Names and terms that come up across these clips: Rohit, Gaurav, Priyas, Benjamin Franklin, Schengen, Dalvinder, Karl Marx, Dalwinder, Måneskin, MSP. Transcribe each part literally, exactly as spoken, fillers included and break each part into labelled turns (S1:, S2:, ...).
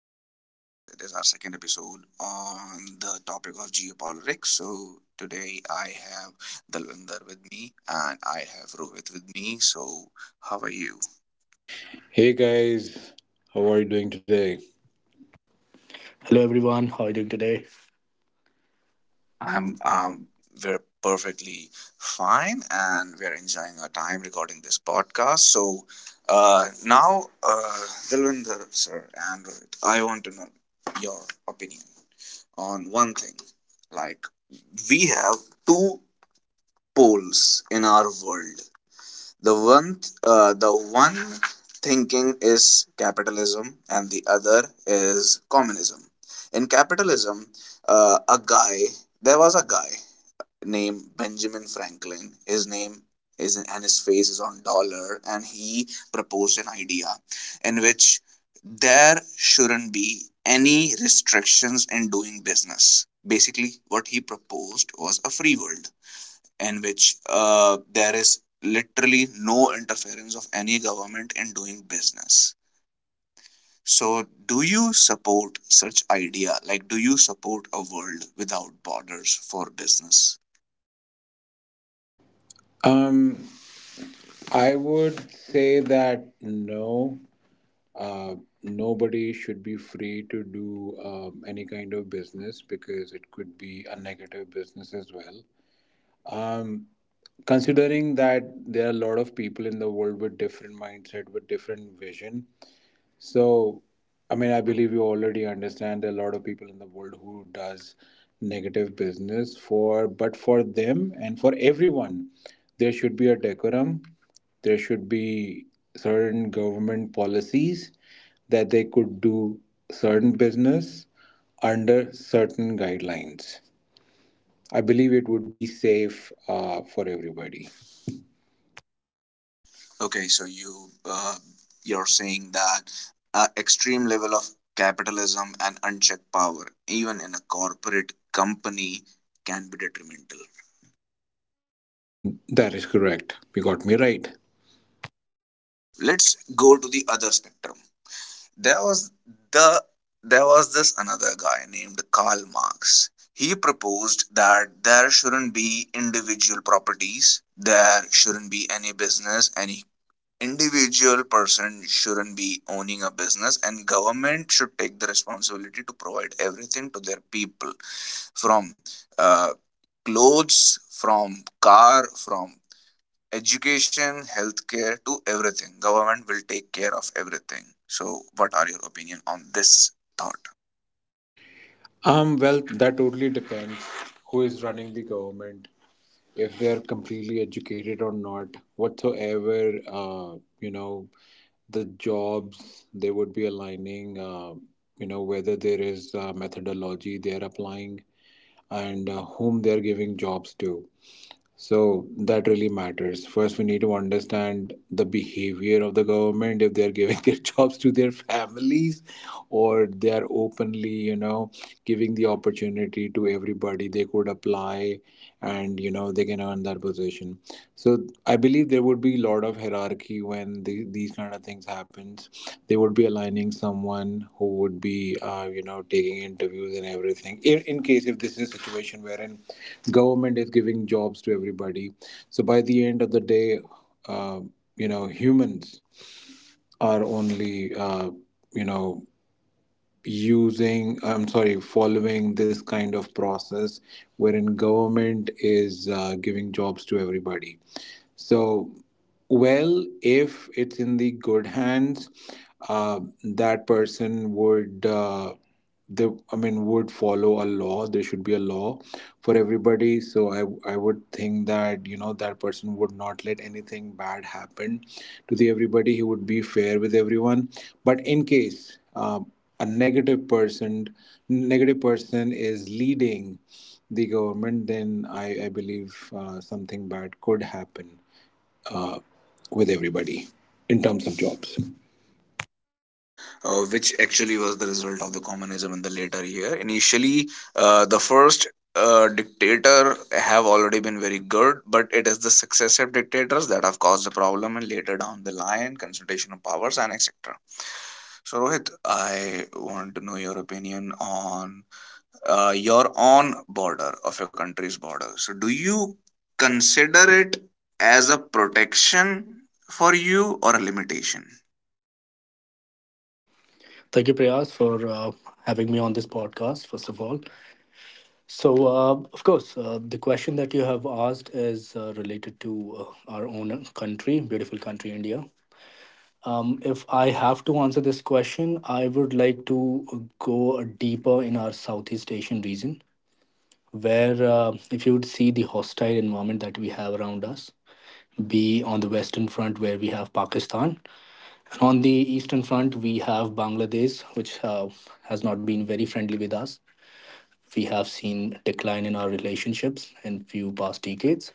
S1: to our podcast. It is our second episode on the topic of geopolitics. So today I have Dalvinder with me and I have Rohit with me. So how are you?
S2: Hey guys, how are you doing today?
S3: Hello, everyone. How are you doing today?
S1: I'm
S3: I'm
S1: um
S3: um
S1: we're perfectly fine and we're enjoying our time recording this podcast. So uh now uh Dalvinder sir and Rohit, I want to know your opinion on one thing. Like we have two poles in our world. The one, th- uh, the one thinking is capitalism, and the other is communism. In capitalism, uh, a guy there was a guy named Benjamin Franklin. His name is and his face is on dollar, and he proposed an idea in which there shouldn't be any restrictions in doing business. Basically, what he proposed was a free world in which uh, there is literally no interference of any government in doing business. So, do you support such idea? Like, do you support a world without borders for business?
S2: Um, I would say that no, uh, nobody should be free to do um, any kind of business because it could be a negative business as well. Um, considering that there are a lot of people in the world with different mindset, with different vision, So, I mean, I believe you already understand there are a lot of people in the world who does negative business for, but for them and for everyone, there should be a decorum. There should be certain government policies that they could do certain business under certain guidelines. I believe it would be safe uh, for everybody.
S1: Okay, so you uh, you're saying that uh, extreme level of capitalism and unchecked power, even in a corporate company, can be detrimental.
S2: That is correct. You got me right.
S1: Let's go to the other spectrum. There was the there was this another guy named Karl Marx. He proposed that there shouldn't be individual properties, there shouldn't be any business, any individual person shouldn't be owning a business and government should take the responsibility to provide everything to their people from uh, clothes from car from education, healthcare, to everything. Government will take care of everything. So, what are your opinion on this thought?
S2: Um, well, that totally depends who is running the government, if they are completely educated or not whatsoever, uh, you know, the jobs they would be aligning, uh, you know, whether there is a methodology they are applying, and uh, whom they are giving jobs to, so that really matters. First, we need to understand the behavior of the government, if they are giving their jobs to their families or they are openly, you know, giving the opportunity to everybody. They could apply and, you know, they can earn that position. So I believe there would be a lot of hierarchy when the, these kind of things happens. They would be aligning someone who would be, uh, you know, taking interviews and everything. In, in case if this is a situation wherein government is giving jobs to everybody, so by the end of the day, uh, you know, humans are only, uh, you know, using, I'm sorry, following this kind of process wherein government is uh, giving jobs to everybody, so, well, if it's in the good hands, uh, that person would, uh, they, I mean, would follow a law. There should be a law for everybody. So I, I would think that, you know, that person would not let anything bad happen to the everybody. He would be fair with everyone. But in case uh, a negative person, negative person is leading the government, then I, I believe uh, something bad could happen with everybody in terms of jobs?
S1: Uh, which actually was the result of the communism in the later year. Initially, uh, the first uh, dictator have already been very good, but it is the successive dictators that have caused the problem, and later down the line, concentration of powers and et cetera. So, Rohit, I want to know your opinion on uh, your own border of your country's border, so do you consider it as a protection for you or a limitation?
S3: Thank you, Priyas, for uh, having me on this podcast, first of all. So, uh, of course, uh, the question that you have asked is uh, related to uh, our own country, beautiful country, India. Um, if I have to answer this question, I would like to go deeper in our Southeast Asian region, where uh, if you would see the hostile environment that we have around us, be on the Western front, where we have Pakistan, and on the eastern front, we have Bangladesh, which uh, has not been very friendly with us. We have seen decline in our relationships in few past decades.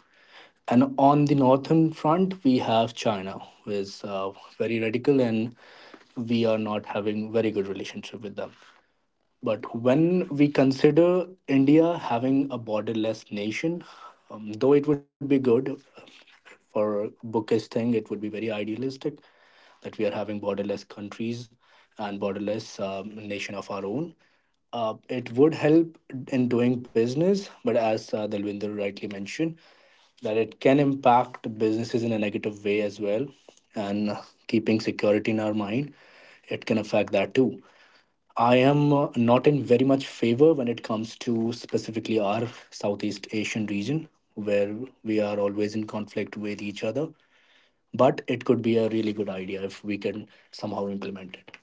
S3: And on the northern front, we have China, who is uh, very radical, and we are not having very good relationship with them. But when we consider India having a borderless nation, um, though it would be good uh, for bookish thing, it would be very idealistic that we are having borderless countries and borderless um, nation of our own. Uh, it would help in doing business, but as uh, Dalwinder rightly mentioned, that it can impact businesses in a negative way as well. And uh, keeping security in our mind, it can affect that too. I am uh, not in very much favor when it comes to specifically our Southeast Asian region, where we are always in conflict with each other. But it could be a really good idea if we can somehow implement it.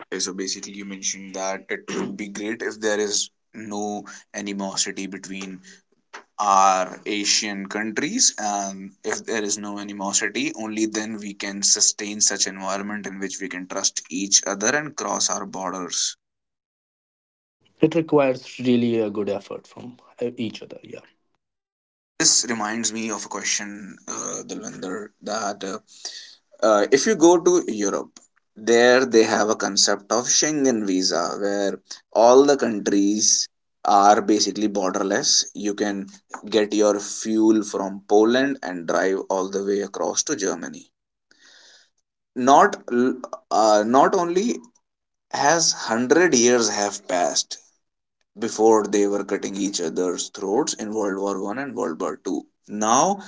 S1: Okay, so basically you mentioned that it would be great if there is no animosity between our asian countries, and if there is no animosity only then we can sustain such environment in which we can trust each other and cross our borders.
S3: It requires really a good effort from uh, each other. Yeah,
S1: This reminds me of a question, uh, Dalwinder, that uh, uh, if you go to Europe, there they have a concept of Schengen visa where all the countries are basically borderless. You can get your fuel from Poland and drive all the way across to Germany. Not uh, not only has one hundred years have passed before they were cutting each other's throats in World War One and World War Two. Now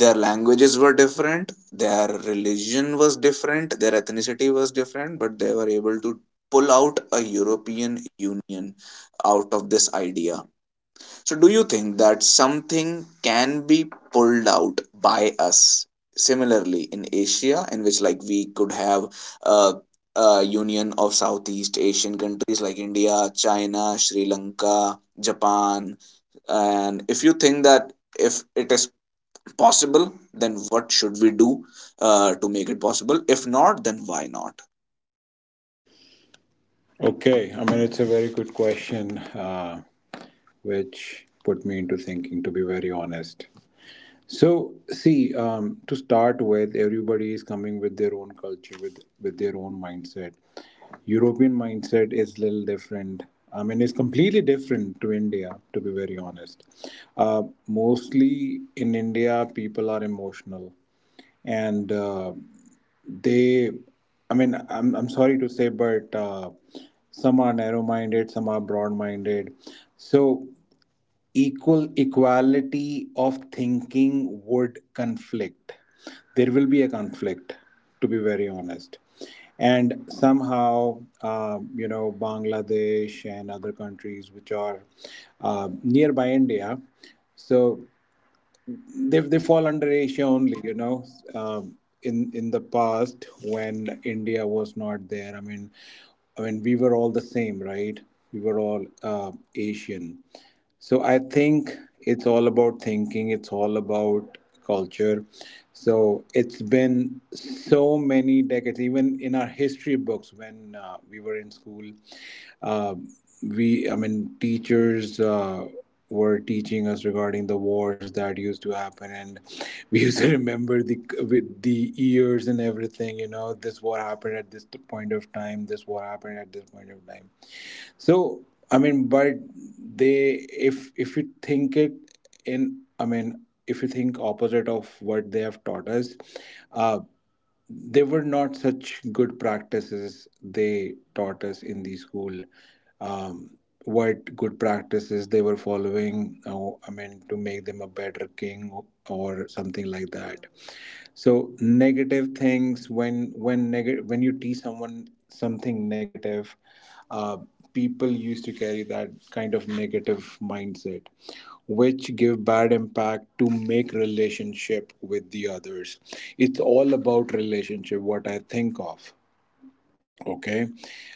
S1: their languages were different, their religion was different, their ethnicity was different, but they were able to pull out a European Union out of this idea. So, do you think that something can be pulled out by us similarly in Asia, in which like we could have a, a union of Southeast Asian countries like India, China, Sri Lanka, Japan? And if you think that if it is possible, then what should we do uh, to make it possible? If not, then why not?
S2: Okay, I mean, it's a very good question, uh, which put me into thinking, to be very honest. So, see, um, to start with, everybody is coming with their own culture, with, with their own mindset. European mindset is little different. I mean, it's completely different to India, to be very honest. Uh, mostly in India, people are emotional and uh, they, i mean i'm, I'm sorry to say, but uh, some are narrow minded, some are broad minded, so equal equality of thinking would conflict, there will be a conflict, to be very honest. And somehow, uh, you know, Bangladesh and other countries which are uh, nearby India, so they, they fall under Asia only, you know. Um, in in the past, when India was not there, i mean I mean, we were all the same, right? We were all, uh, Asian. So I think it's all about thinking, it's all about culture. So it's been so many decades, even in our history books, when uh, we were in school, uh, we, i mean teachers, uh, were teaching us regarding the wars that used to happen, and we used to remember the with the years and everything, you know, this war happened at this point of time, this war happened at this point of time. So, I mean, but they if if you think it in, I mean, if you think opposite of what they have taught us, uh, they were not such good practices they taught us in the school. Um, what good practices they were following, oh, I mean, to make them a better king or something like that. So negative things, when when negative when you teach someone something negative, uh, people used to carry that kind of negative mindset, which give bad impact to make relationship with the others. It's all about relationship, what I think of. Okay.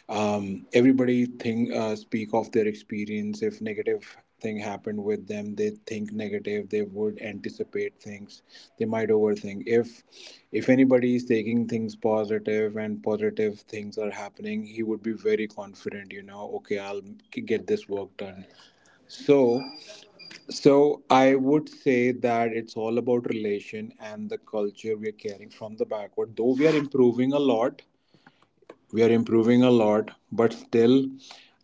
S2: Um, everybody think, uh, speak of their experience. If negative thing happened with them, they think negative, they would anticipate things, they might overthink. if if anybody is taking things positive and positive things are happening, he would be very confident, you know, okay, I'll get this work done. so so I would say that it's all about relation and the culture we are carrying from the backward. Though we are improving a lot, we are improving a lot, but still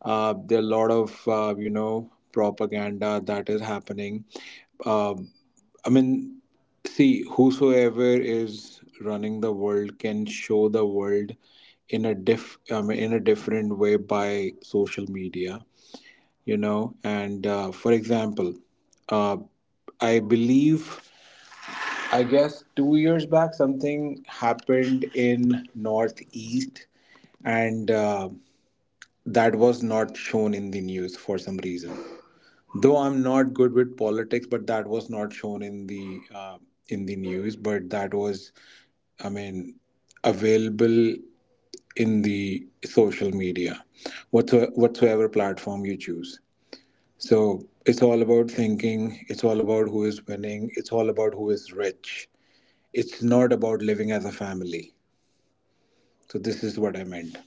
S2: uh, there are a lot of, uh, you know, propaganda that is happening. Uh, I mean, see, whosoever is running the world can show the world in a diff, I mean, in a different way, by social media, you know. And uh, for example, uh, I believe, I guess, two years back, something happened in northeast, and uh, that was not shown in the news for some reason. Though I'm not good with politics, but that was not shown in the, uh, in the news, but that was, I mean, available in the social media, whatsoever, whatsoever platform you choose. So it's all about thinking, it's all about who is winning, it's all about who is rich. It's not about living as a family. So this is what I meant.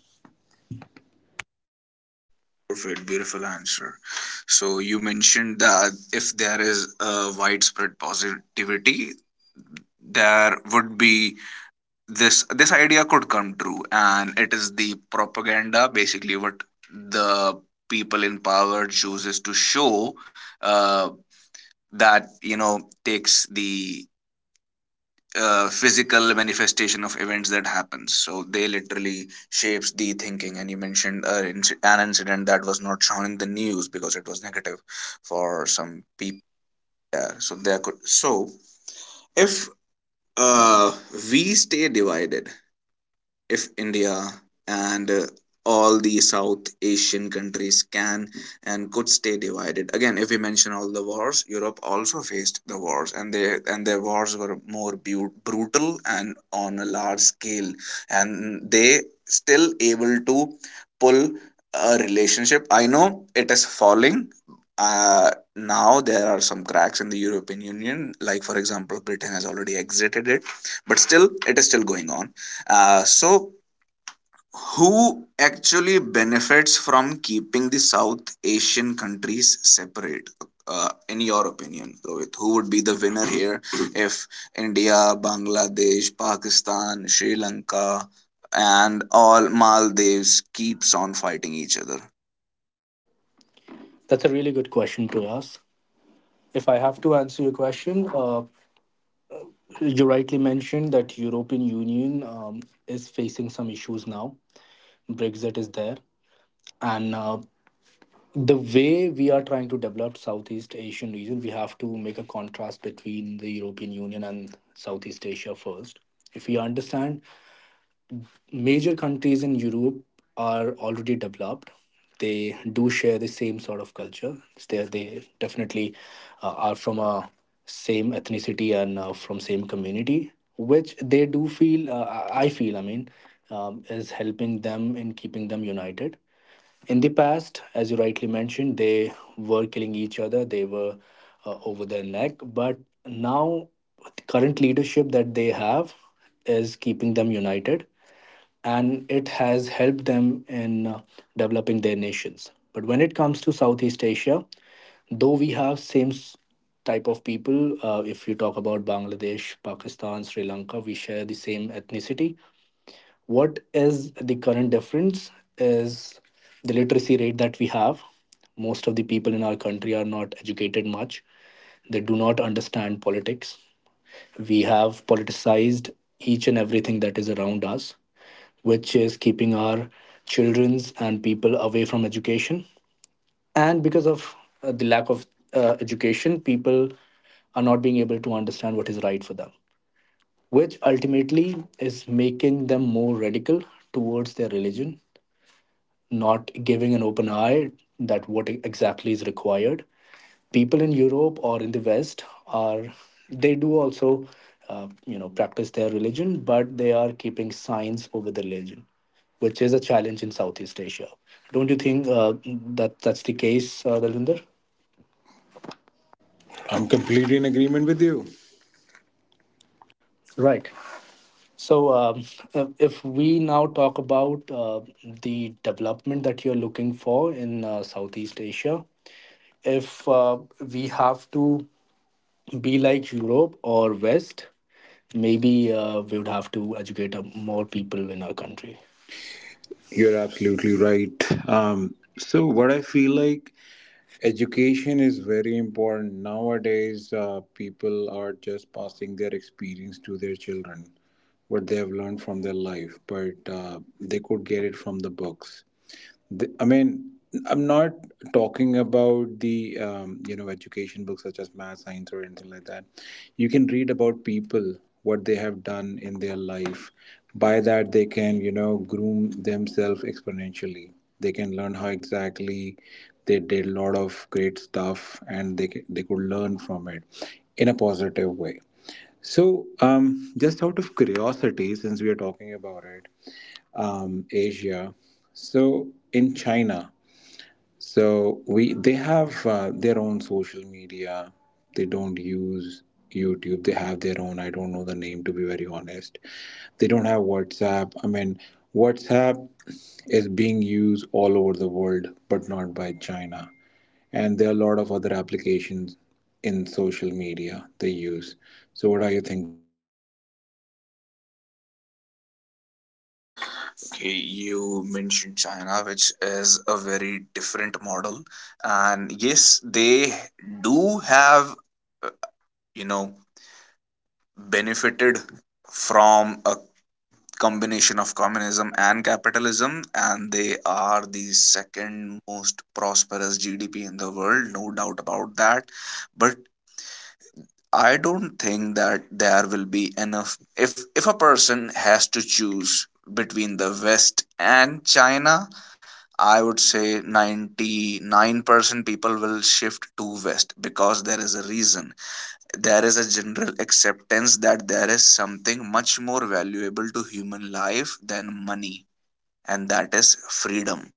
S1: Perfect, beautiful answer. So you mentioned that if there is a widespread positivity, there would be this this idea could come true, and it is the propaganda basically what the people in power chooses to show, uh, that you know takes the uh, physical manifestation of events that happens, so they literally shapes the thinking. And you mentioned uh, inci- an incident that was not shown in the news because it was negative for some people there. So there could so If uh, we stay divided, if India and uh, all the South Asian countries can and could stay divided. Again, if we mention all the wars, Europe also faced the wars, and they and their wars were more bu- brutal and on a large scale, and they still able to pull a relationship. I know it is falling. Uh, now there are some cracks in the European Union, like for example, Britain has already exited it, but still it is still going on, uh, so, who actually benefits from keeping the South Asian countries separate? Uh, in your opinion, Rohit, who would be the winner here if India, Bangladesh, Pakistan, Sri Lanka, and all Maldives keeps on fighting each other?
S3: that's a really good question to ask. If I have to answer your question, uh, you rightly mentioned that European Union um, is facing some issues now. Brexit is there, and uh, the way we are trying to develop Southeast Asian region, we have to make a contrast between the European Union and Southeast Asia first. If we understand, major countries in Europe are already developed. They do share the same sort of culture. They, they definitely uh, are from a same ethnicity and uh, from same community, which they do feel, uh, i I feel, I mean, um, is helping them in keeping them united. In the past, as you rightly mentioned, they were killing each other, they were uh, over their neck. But now, the current leadership that they have is keeping them united, and it has helped them in uh, developing their nations. But when it comes to Southeast Asia, though we have same s- type of people, uh, if you talk about Bangladesh, Pakistan, Sri Lanka, we share the same ethnicity. What is the current difference is the literacy rate that we have. Most of the people in our country are not educated much. They do not understand politics. We have politicized each and everything that is around us, which is keeping our children's and people away from education. And because of uh, the lack of uh, education, people are not being able to understand what is right for them, which ultimately is making them more radical towards their religion, not giving an open eye that what exactly is required. People in Europe or in the West are, they do also uh, you know practice their religion, but they are keeping science over the religion, which is a challenge in Southeast Asia. Don't you think uh, that that's the case, uh, Dalvinder?
S2: I'm completely in agreement with you.
S3: Right. So, um, uh, if we now talk about uh, the development that you're looking for in uh, Southeast Asia, if uh, we have to be like Europe or West, maybe uh, we would have to educate uh, more people in our country.
S2: You're absolutely right. Um, so what I feel like, education is very important nowadays. Uh, people are just passing their experience to their children, what they have learned from their life, but uh, they could get it from the books. The, I mean, I'm not talking about the, um, you know, education books such as math, science, or anything like that. You can read about people, what they have done in their life. By that, they can, you know, groom themselves exponentially. They can learn how exactly they did a lot of great stuff, and they ca- they could learn from it in a positive way. So, um, just out of curiosity, since we are talking about it, um, Asia. So, in China, so we they have uh, their own social media. They don't use YouTube. They have their own. I don't know the name, to be very honest. They don't have WhatsApp. I mean, WhatsApp is being used all over the world, but not by China. And there are a lot of other applications in social media they use. So what are you thinking about it, Prayas?
S1: Okay, you mentioned China, which is a very different model, and yes, they do have, uh, you know, benefited from a combination of communism and capitalism, and they are the second most prosperous gdp in the world, no doubt about that. But I don't think that there will be enough. If if a person has to choose between the west and china, I would say ninety-nine percent people will shift to west because there is a reason. There is a general acceptance that there is something much more valuable to human life than money, and that is freedom.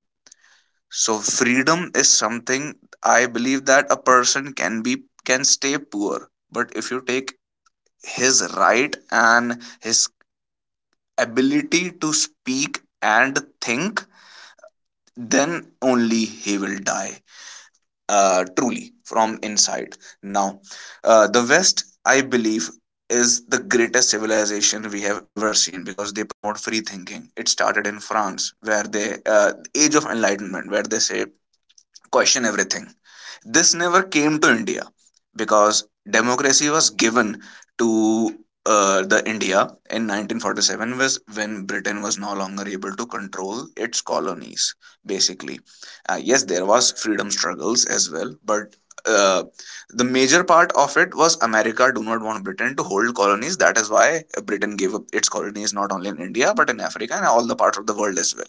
S1: So freedom is something, I believe that a person can be, can stay poor, but if you take his right and his ability to speak and think, then only he will die uh, truly from inside. Now, uh, the West, I believe, is the greatest civilization we have ever seen because they promote free thinking. It started in France, where they uh, age of enlightenment, where they say question everything. This never came to India because democracy was given to uh, the India in nineteen forty-seven was when Britain was no longer able to control its colonies. Basically, uh, yes, there was freedom struggles as well, but uh, the major part of it was America do not want Britain to hold colonies. That is why Britain gave up its colonies not only in India but in Africa and all the parts of the world as well.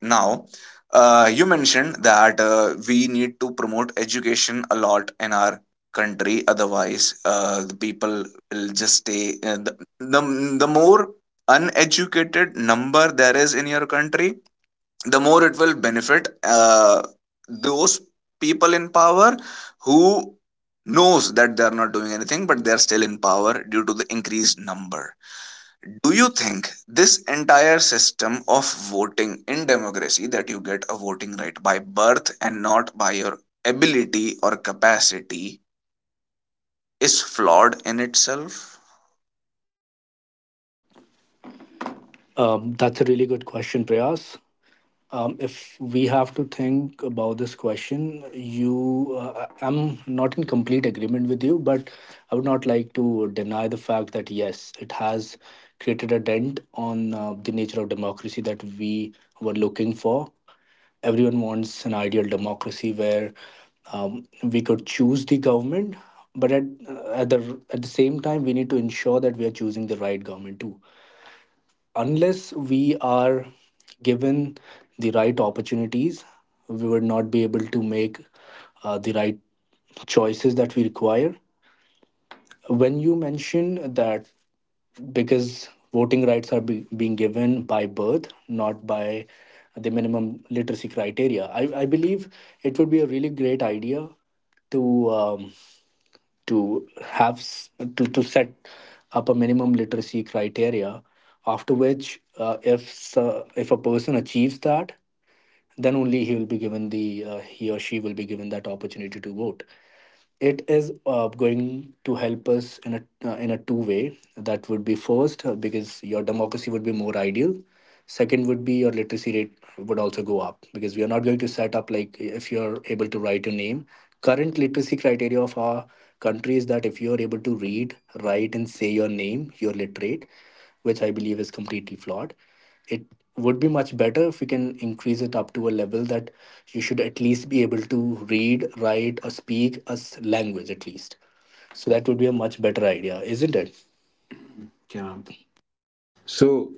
S1: Now, uh, you mentioned that uh, we need to promote education a lot in our country. Otherwise, uh, the people will just stay. Uh, the, the the more uneducated number there is in your country, the more it will benefit uh, those people in power who knows that they are not doing anything, but they are still in power due to the increased number. Do you think this entire system of voting in democracy, that you get a voting right by birth and not by your ability or capacity, is flawed in itself?
S3: Um, that's a really good question, Prayas. Um, if we have to think about this question, you, uh, I'm not in complete agreement with you, but I would not like to deny the fact that yes, it has created a dent on uh, the nature of democracy that we were looking for. Everyone wants an ideal democracy where um, we could choose the government, but at uh, at the at the same time, we need to ensure that we are choosing the right government too. Unless we are given the right opportunities, we would not be able to make uh, the right choices that we require. When you mention that, because voting rights are be- being given by birth, not by the minimum literacy criteria, I, I believe it would be a really great idea to. Um, to have s- to, to set up a minimum literacy criteria, after which uh, if so- if a person achieves that, then only he will be given the uh, he or she will be given that opportunity to vote. It is uh, going to help us in a uh, in a two way. That would be first, uh, because your democracy would be more ideal. Second would be, your literacy rate would also go up, because we are not going to set up like, if you're able to write your name. Current literacy criteria of our country is that, if you're able to read, write and say your name, you're literate, which I believe is completely flawed. It would be much better if we can increase it up to a level that you should at least be able to read, write or speak a s- language at least. So that would be a much better idea, isn't it? Yeah.
S2: So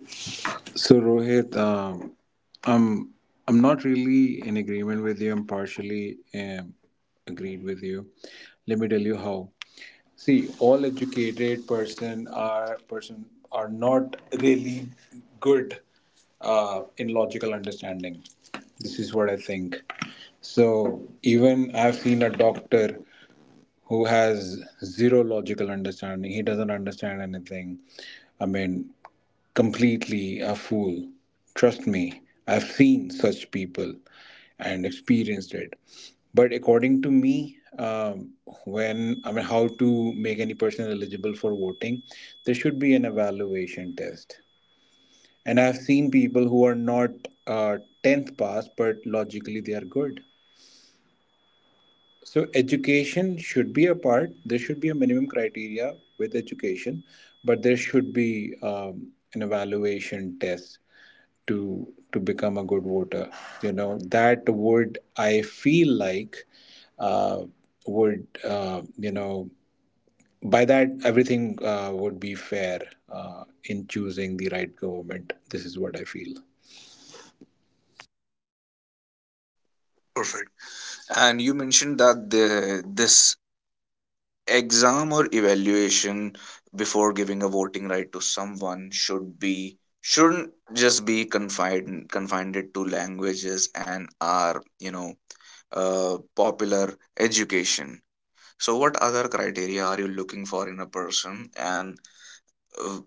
S2: So Rohit, um, I'm I'm not really in agreement with you. I'm partially um, agreed with you. Let me tell you how. See, all educated person are person are not really good uh, in logical understanding. This is what I think. So even I've seen a doctor who has zero logical understanding. He doesn't understand anything. I mean, completely a fool. Trust me, I've seen such people and experienced it. But according to me, um, when I mean, how to make any person eligible for voting, there should be an evaluation test. And I've seen people who are not uh, tenth pass, but logically they are good. So, education should be a part. There should be a minimum criteria with education, but there should be um, an evaluation test to to become a good voter, you know. That would, I feel like, uh, would, uh, you know, by that everything, uh, would be fair uh, in choosing the right government. This is what I feel.
S1: Perfect. And you mentioned that the, this exam or evaluation before giving a voting right to someone should be shouldn't just be confined confined to languages and our, you know, uh, popular education. So, what other criteria are you looking for in a person, and uh,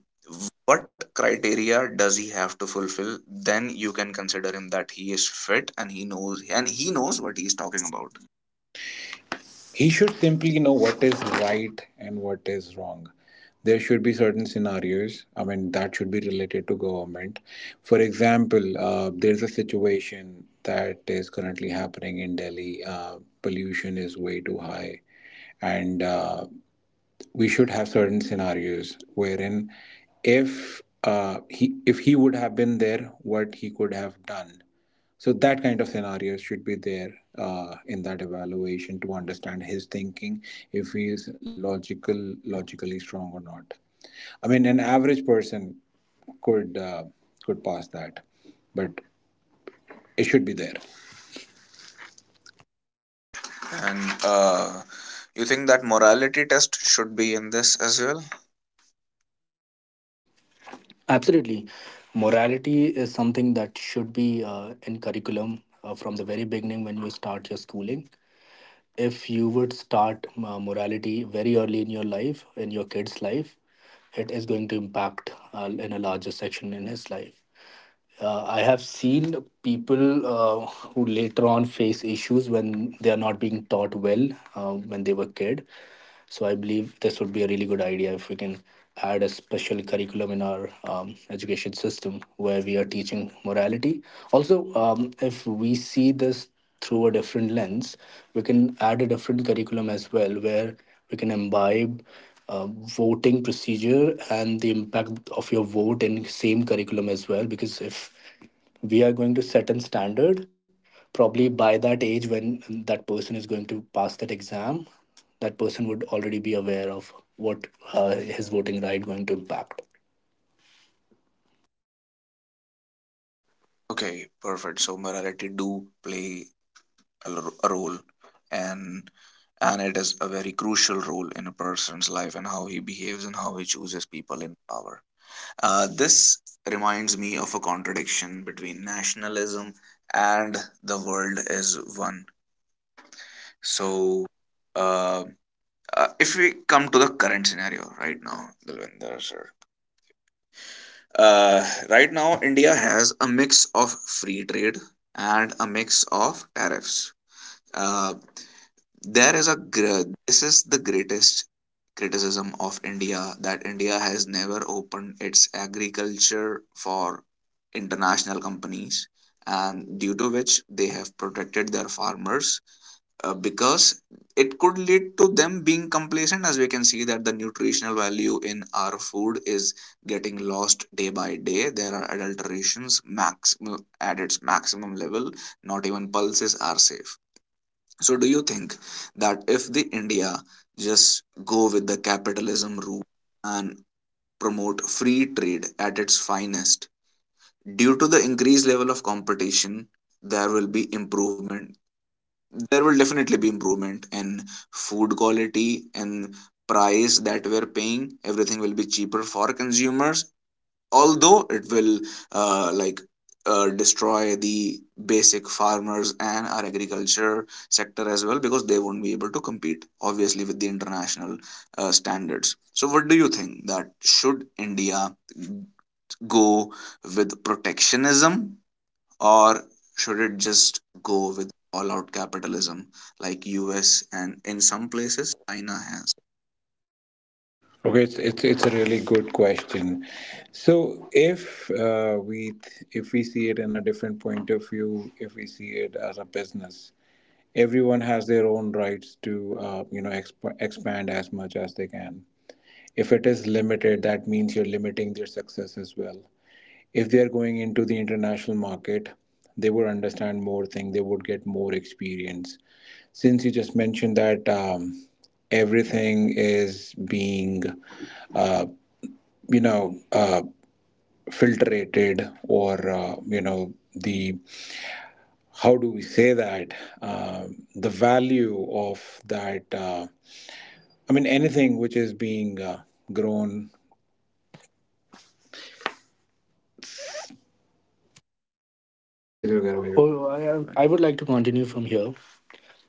S1: what criteria does he have to fulfill? Then you can consider him that he is fit, and he knows and he knows what he is talking about.
S2: He should simply know what is right and what is wrong. There should be certain scenarios, I mean, that should be related to government. For example, uh, there's a situation that is currently happening in Delhi. Uh, pollution is way too high. And uh, we should have certain scenarios wherein if uh, he if he would have been there, what he could have done. So that kind of scenarios should be there uh, in that evaluation to understand his thinking, if he is logical, logically strong or not. I mean, an average person could, uh, could pass that, but it should be there.
S1: And uh, you think that morality test should be in this as well?
S3: Absolutely. Morality is something that should be uh, in curriculum uh, from the very beginning when you start your schooling. If you would start uh, morality very early in your life, in your kid's life, it is going to impact uh, in a larger section in his life. uh, I have seen people uh, who later on face issues when they are not being taught well uh, when they were kid. So I believe this would be a really good idea if we can add a special curriculum in our um, education system where we are teaching morality. Also, um, if we see this through a different lens, we can add a different curriculum as well, where we can imbibe uh, voting procedure and the impact of your vote in same curriculum as well, because if we are going to set a standard, probably by that age when that person is going to pass that exam, that person would already be aware of what uh, his voting right going to impact.
S1: Okay, perfect. So morality do play a, r- a role, and and it is a very crucial role in a person's life and how he behaves and how he chooses people in power. Uh, this reminds me of a contradiction between nationalism and the world is one. So, uh, uh, if we come to the current scenario right now, Dalvinder sir, uh, right now India has a mix of free trade and a mix of tariffs. Uh, there is a gr- This is the greatest criticism of india, that india has never opened its agriculture for international companies, and due to which they have protected their farmers, uh, because it could lead to them being complacent, as we can see that the nutritional value in our food is getting lost day by day. There are adulterations max at its maximum level. Not even pulses are safe. So, do you think that if the India just go with the capitalism route and promote free trade at its finest, due to the increased level of competition, there will be improvement. There will definitely be improvement in food quality and price that we're paying. Everything will be cheaper for consumers, although it will uh, like uh, destroy the basic farmers and our agriculture sector as well, because they won't be able to compete obviously with the international uh, standards. So what do you think, that should india go with protectionism, or should it just go with all out capitalism like us, and in some places china has.
S2: Okay, it's it's it's a really good question. So if uh, we th- if we see it in a different point of view, if we see it as a business, everyone has their own rights to, uh, you know, exp- expand as much as they can. If it is limited, that means you're limiting their success as well. If they are going into the international market, they would understand more things. They would get more experience. Since you just mentioned that. Um, everything is being, uh, you know, uh, filtrated, or uh, you know, the how do we say that. Um, the value of that, uh, I mean, anything which is being, uh, grown.
S3: Continue, Gaurav. Oh, I, I would like to continue from here.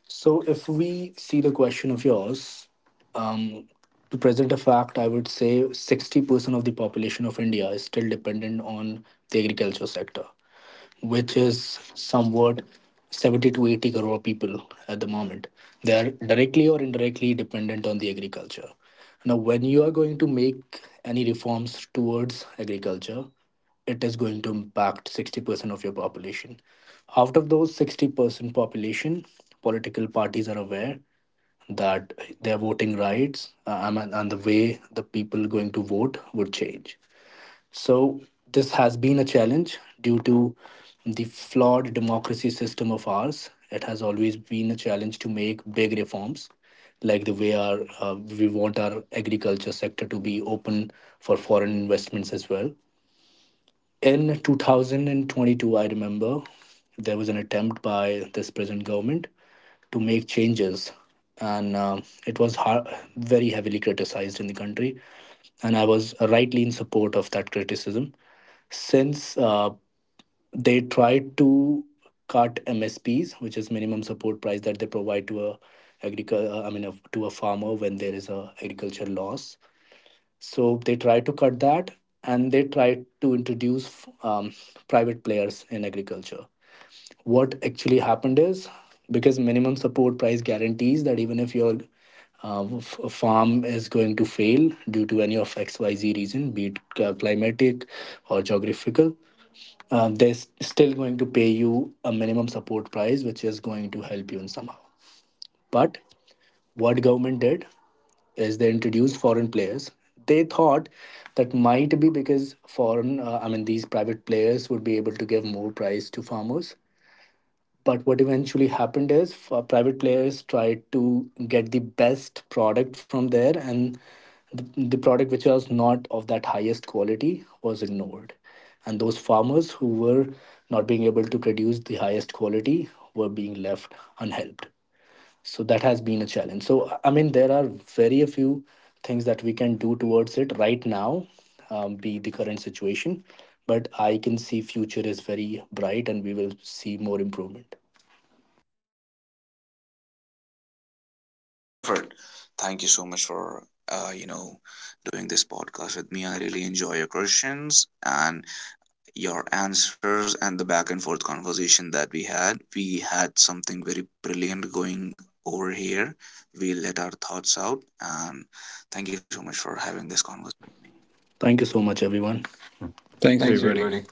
S3: So, if we see the question of yours, um, to present a fact, I would say sixty percent of the population of India is still dependent on the agriculture sector, which is somewhat seventy to eighty crore people at the moment. They are directly or indirectly dependent on the agriculture. Now, when you are going to make any reforms towards agriculture, it is going to impact sixty percent of your population. Out of those sixty percent population, political parties are aware that their voting rights uh, and, and the way the people going to vote would change. So this has been a challenge due to the flawed democracy system of ours. It has always been a challenge to make big reforms, like the way our uh, we want our agriculture sector to be open for foreign investments as well. In two thousand twenty-two, I remember there was an attempt by this present government to make changes, and um it was har very heavily criticized in the country. And I was rightly in support of that criticism, since uh, they tried to cut M S Ps, which is minimum support price that they provide to a agric- uh, I mean, a, to a farmer when there is a agriculture loss. So they try to cut that, and they try to introduce um, private players in agriculture. What actually happened is, because minimum support price guarantees that even if your uh, f- farm is going to fail due to any of X Y Z reason, be it uh, climatic or geographical, uh, they're s- still going to pay you a minimum support price, which is going to help you in somehow. But what government did, as they introduced foreign players, they thought that might be because foreign uh, i mean these private players would be able to give more price to farmers. But what eventually happened is, uh, private players tried to get the best product from there, and the, the product which was not of that highest quality was ignored, and those farmers who were not being able to produce the highest quality were being left unhelped. So that has been a challenge. So I mean, there are very a few things that we can do towards it right now, um, be the current situation. But I can see future is very bright, and we will see more improvement.
S1: Perfect. Thank you so much for uh, you know doing this podcast with me. I really enjoy your questions and your answers and the back and forth conversation that we had. We had something very brilliant going over here. We let our thoughts out, and thank you so much for having this conversation.
S3: Thank you so much, everyone.
S2: Thanks,
S3: Thanks,
S2: everybody.
S3: everybody.